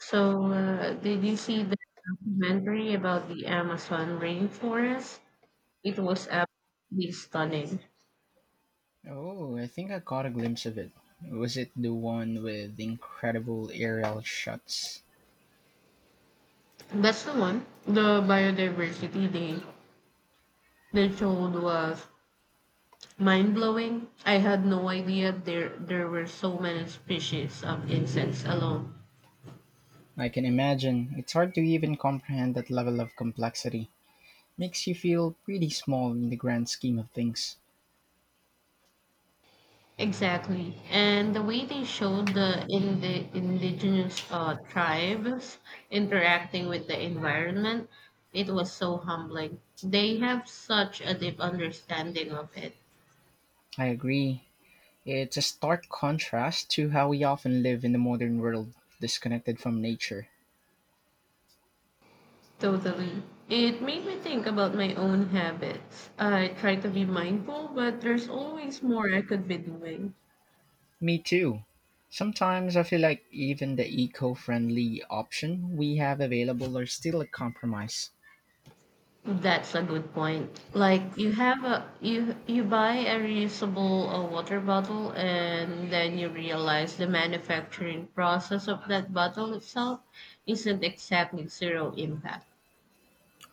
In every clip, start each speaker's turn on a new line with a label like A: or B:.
A: So, did you see the documentary about the Amazon rainforest? It was absolutely stunning.
B: Oh, I think I caught a glimpse of it. Was it the one with the incredible aerial shots?
A: That's the one. The biodiversity they showed was mind blowing. I had no idea there were so many species of insects alone.
B: I can imagine. It's hard to even comprehend that level of complexity. Makes you feel pretty small in the grand scheme of things.
A: Exactly. And the way they showed the indigenous tribes interacting with the environment, it was so humbling. They have such a deep understanding of it.
B: I agree. It's a stark contrast to how we often live in the modern world, disconnected from nature.
A: Totally. It made me think about my own habits. I try to be mindful, but there's always more I could be doing.
B: Me too. Sometimes I feel like even the eco friendly option we have available are still a compromise,
A: That's a good point. Like you buy a reusable water bottle and then you realize the manufacturing process of that bottle itself isn't exactly zero impact.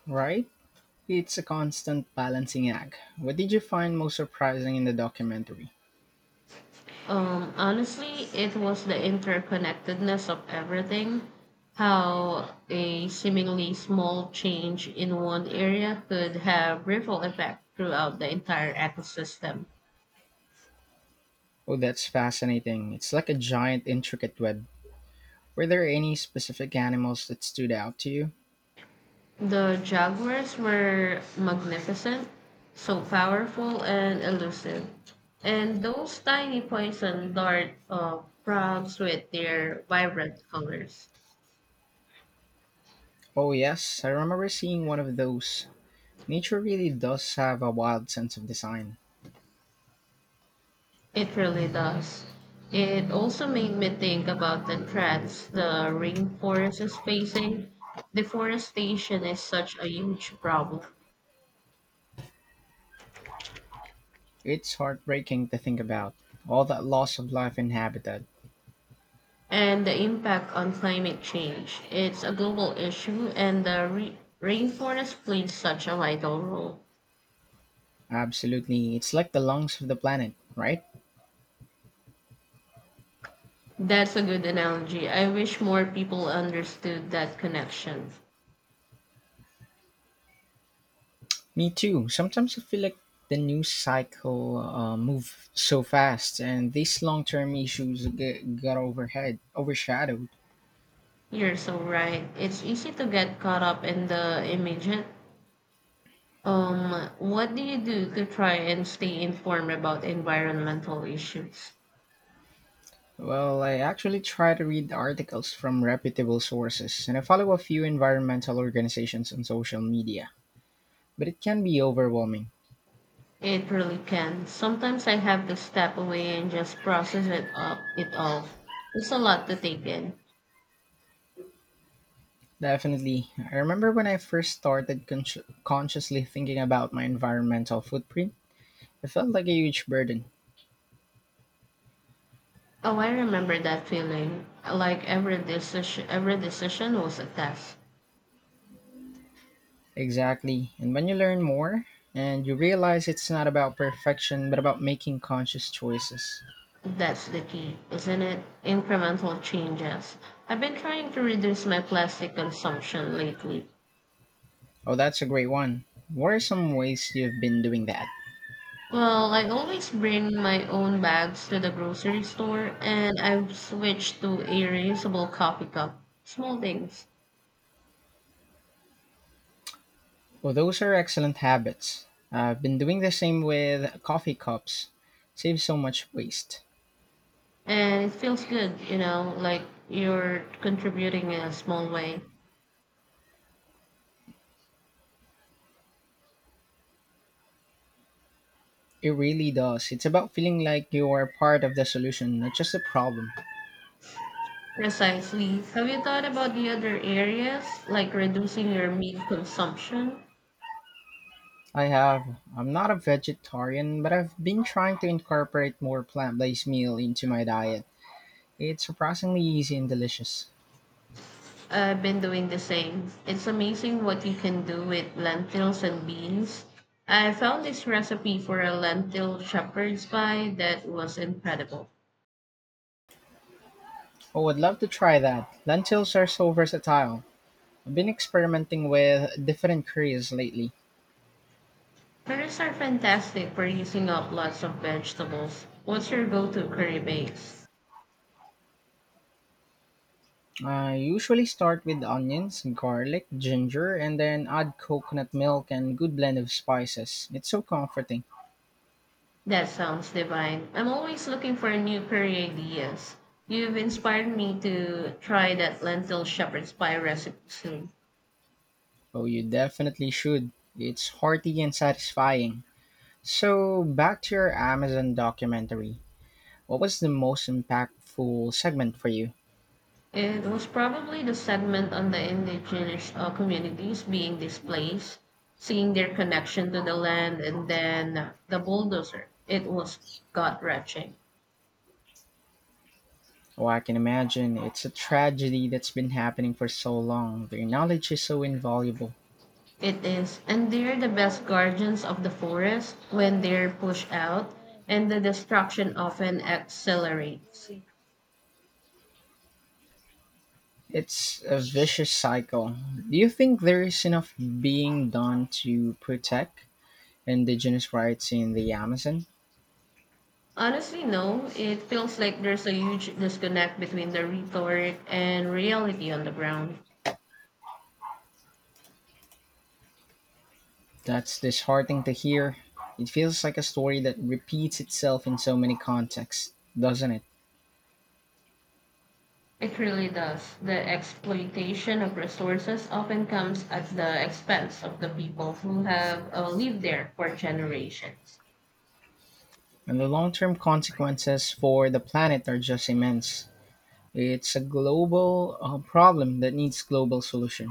B: right? It's a constant balancing act. What did you find most surprising in the documentary?
A: Honestly, it was the interconnectedness of everything, how a seemingly small change in one area could have ripple effect throughout the entire ecosystem.
B: Oh, that's fascinating. It's like a giant, intricate web. Were there any specific animals that stood out to you?
A: The Jaguars were magnificent, so powerful and elusive. And those tiny poison dart frogs with their vibrant colors.
B: Oh, yes, I remember seeing one of those. Nature really does have a wild sense of design.
A: It really does. It also made me think about the threats the rainforest is facing. Deforestation is such a huge problem.
B: It's heartbreaking to think about. All that loss of life and habitat.
A: And the impact on climate change. It's a global issue, and the rainforest plays such a vital role.
B: Absolutely, it's like the lungs of the planet, right?
A: That's a good analogy. I wish more people understood that connection.
B: Me too. Sometimes I feel like the news cycle moves so fast, and these long-term issues get, got overhead overshadowed.
A: You're so right. It's easy to get caught up in the immediate. What do you do to try and stay informed about environmental issues?
B: Well, I actually try to read articles from reputable sources, and I follow a few environmental organizations on social media. But it can be overwhelming.
A: It really can. Sometimes I have to step away and just process it all. It's a lot to take in.
B: Definitely. I remember when I first started consciously thinking about my environmental footprint, it felt like a huge burden.
A: Oh, I remember that feeling. Like every decision was a test.
B: Exactly. And when you learn more and you realize it's not about perfection but about making conscious choices.
A: That's the key, isn't it? Incremental changes. I've been trying to reduce my plastic consumption lately.
B: Oh, that's a great one. What are some ways you've been doing that?
A: Well, I always bring my own bags to the grocery store, and I've switched to a reusable coffee cup. Small things.
B: Well, those are excellent habits. I've been doing the same with coffee cups. Saves so much waste.
A: And it feels good, like you're contributing in a small way.
B: It really does. It's about feeling like you are part of the solution, not just the problem.
A: Precisely. Have you thought about the other areas, like reducing your meat consumption?
B: I have. I'm not a vegetarian, but I've been trying to incorporate more plant based meal into my diet. It's surprisingly easy and delicious.
A: I've been doing the same. It's amazing what you can do with lentils and beans. I found this recipe for a lentil shepherd's pie that was incredible.
B: Oh, I'd love to try that. Lentils are so versatile. I've been experimenting with different curries lately.
A: Curries are fantastic for using up lots of vegetables. What's your go-to curry base?
B: I usually start with onions, garlic, ginger, and then add coconut milk and good blend of spices. It's so comforting.
A: That sounds divine. I'm always looking for new curry ideas. You've inspired me to try that lentil shepherd's pie recipe soon.
B: Oh, you definitely should. It's hearty and satisfying. So, back to your Amazon documentary. What was the most impactful segment for you?
A: It was probably the segment on the indigenous communities being displaced, seeing their connection to the land, and then the bulldozer. It was gut wrenching.
B: Oh, I can imagine. It's a tragedy that's been happening for so long. Their knowledge is so invaluable.
A: It is, and they're the best guardians of the forest when they're pushed out, and the destruction often accelerates.
B: It's a vicious cycle. Do you think there is enough being done to protect indigenous rights in the Amazon?
A: Honestly, no, it feels like there's a huge disconnect between the rhetoric and reality on the ground.
B: That's disheartening to hear. It feels like a story that repeats itself in so many contexts, doesn't it?
A: It really does. The exploitation of resources often comes at the expense of the people who have lived there for generations.
B: And the long term consequences for the planet are just immense. It's a global problem that needs global solution.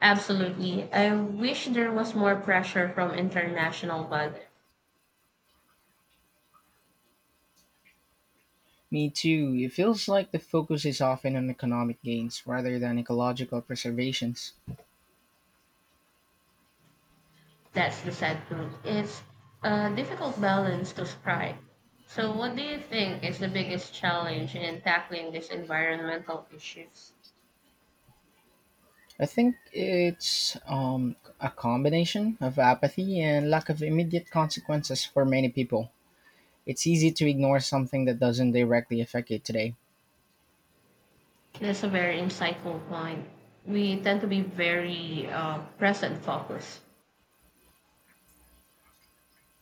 A: Absolutely. I wish there was more pressure from international bodies.
B: Me too. It feels like the focus is often on economic gains rather than ecological preservations.
A: That's the sad truth. It's a difficult balance to strike. So, what do you think is the biggest challenge in tackling these environmental issues?
B: I think it's a combination of apathy and lack of immediate consequences for many people. It's easy to ignore something that doesn't directly affect you today.
A: That's a very insightful point. We tend to be very present focused.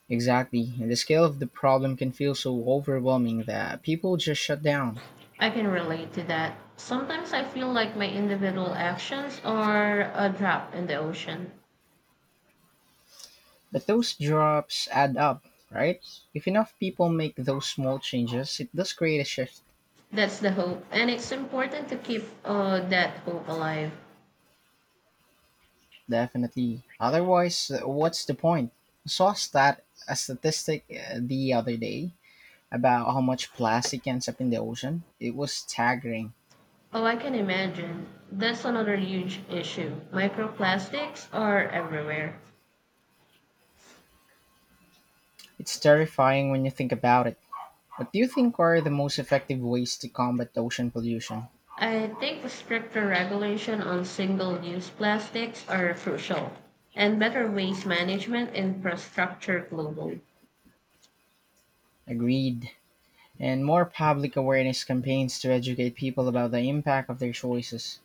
B: Exactly, and the scale of the problem can feel so overwhelming that people just shut down.
A: I can relate to that. Sometimes I feel like my individual actions are a drop in the ocean.
B: But those drops add up, right? If enough people make those small changes, it does create a shift,
A: That's the hope, and it's important to keep that hope alive.
B: definitely. Otherwise, what's the point? I saw a statistic the other day about how much plastic ends up in the ocean. It was staggering.
A: Oh, I can imagine. That's another huge issue. Microplastics are everywhere.
B: It's terrifying when you think about it. What do you think are the most effective ways to combat ocean pollution?
A: I think stricter regulation on single use plastics are crucial, and better waste management infrastructure globally.
B: Agreed. And more public awareness campaigns to educate people about the impact of their choices.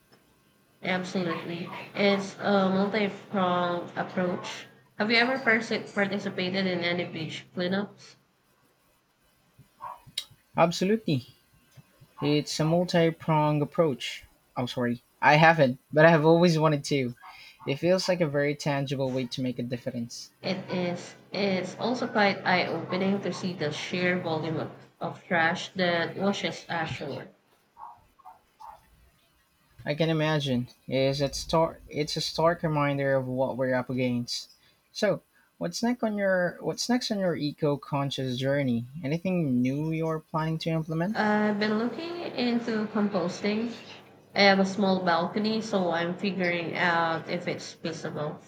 A: Absolutely. It's a multi pronged approach. Have you ever participated in any beach cleanups?
B: Absolutely. It's a multi pronged approach. I'm sorry. I haven't, but I have always wanted to. It feels like a very tangible way to make a difference.
A: It is it's also quite eye opening to see the sheer volume of trash that washes ashore.
B: I can imagine. It's a stark reminder of what we're up against. So, what's next on your eco-conscious journey? Anything new you're planning to implement?
A: I've been looking into composting. I have a small balcony, so I'm figuring out if it's feasible.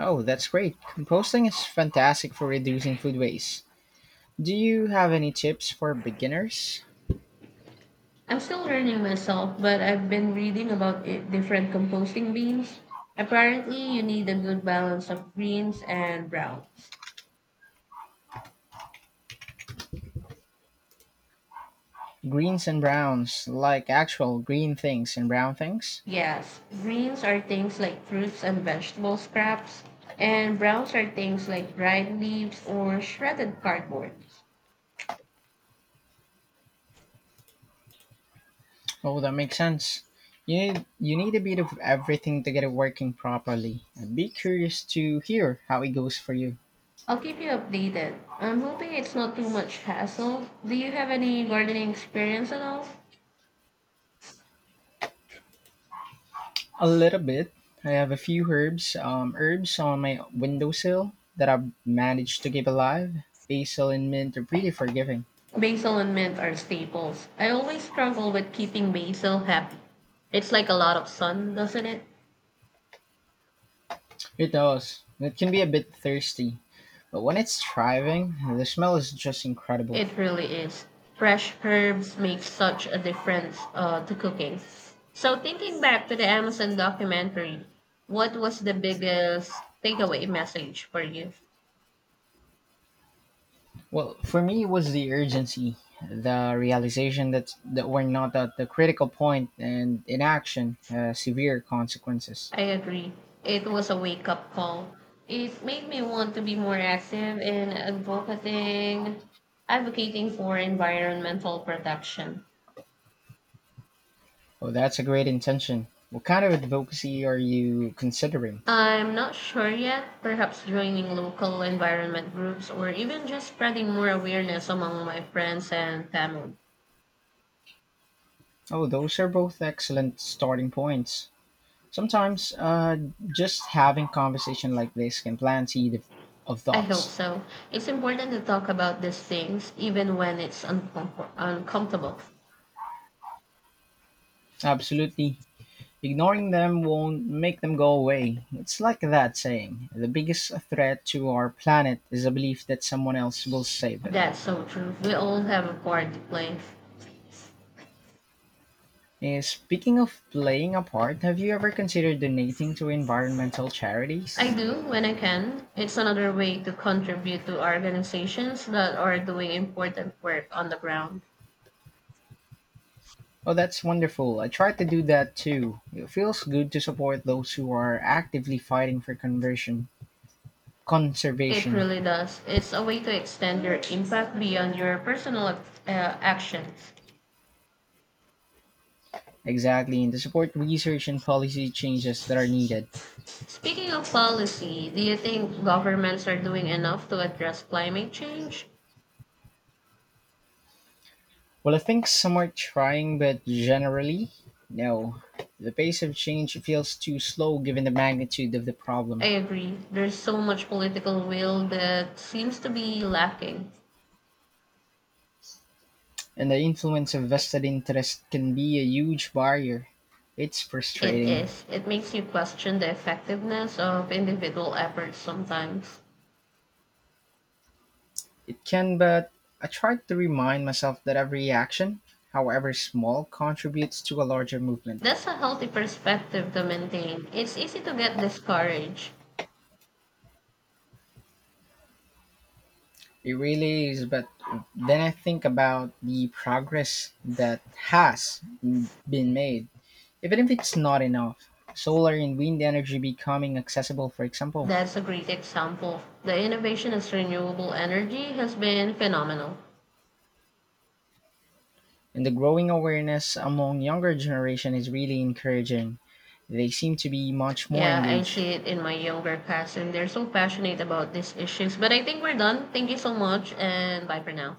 B: Oh, that's great. Composting is fantastic for reducing food waste. Do you have any tips for beginners?
A: I'm still learning myself, but I've been reading about it, different composting beans. Apparently, you need a good balance of greens and browns.
B: Greens and browns, like actual green things and brown things?
A: Yes, greens are things like fruits and vegetable scraps, and browns are things like dried leaves or shredded cardboard.
B: Oh, that makes sense. You need a bit of everything to get it working properly. I'd be curious to hear how it goes for you.
A: I'll keep you updated. I'm hoping it's not too much hassle. Do you have any gardening experience at all?
B: A little bit. I have a few herbs, herbs on my windowsill that I've managed to keep alive. Basil and mint are pretty forgiving.
A: Basil and mint are staples. I always struggle with keeping basil happy. It's like a lot of sun, doesn't it?
B: It does. It can be a bit thirsty, but when it's thriving, the smell is just incredible.
A: It really is. Fresh herbs make such a difference to cooking. So, thinking back to the Amazon documentary, what was the biggest takeaway message for you?
B: Well, for me, it was the urgency, the realization that we're not at the critical point, and inaction has severe consequences.
A: I agree. It was a wake up call. It made me want to be more active in advocating for environmental protection.
B: Oh, that's a great intention. What kind of advocacy are you considering?
A: I'm not sure yet. Perhaps joining local environment groups or even just spreading more awareness among my friends and family.
B: Oh, those are both excellent starting points. Sometimes just having conversation like this can plant of
A: I hope
B: thoughts.
A: so. It's important to talk about these things even when it's uncomfortable.
B: Absolutely. Ignoring them won't make them go away. It's like that saying, the biggest threat to our planet is a belief that someone else will save it.
A: That's so true. We all have a part to play.
B: Speaking of playing a part, have you ever considered donating to environmental
A: I
B: charities?
A: do when I can. It's another way to contribute to organizations that are doing important work on the ground.
B: Oh, that's wonderful. I try to do that too. It feels good to support those who are actively fighting for conversion
A: It
B: conservation.
A: really does. It's a way to extend your impact beyond your personal actions.
B: Exactly, and to support research and policy changes that are needed.
A: Speaking of policy, do you think governments are doing enough to address climate change?
B: Well, I think some are trying, but generally, no. The pace of change feels too slow given the magnitude of the
A: I
B: problem,
A: agree. There's so much political will that seems to be lacking.
B: and the influence of vested interest can be a huge barrier. It's
A: It
B: frustrating.
A: is. It makes you question the effectiveness of individual efforts sometimes.
B: It can, but I try to remind myself that every action, however small, contributes to a larger movement.
A: That's a healthy perspective to maintain. It's easy to get discouraged.
B: It really is, but then I think about the progress that has been made, even if it's not enough. Solar and wind energy becoming accessible, for example,
A: That's a great example. The innovation in renewable energy has been phenomenal.
B: and the growing awareness among younger generation is really encouraging. They seem to be much more
A: Yeah, I see
B: engaged.
A: it in my younger class, and they're so passionate about these issues. But I think we're done. Thank you so much, and bye for now.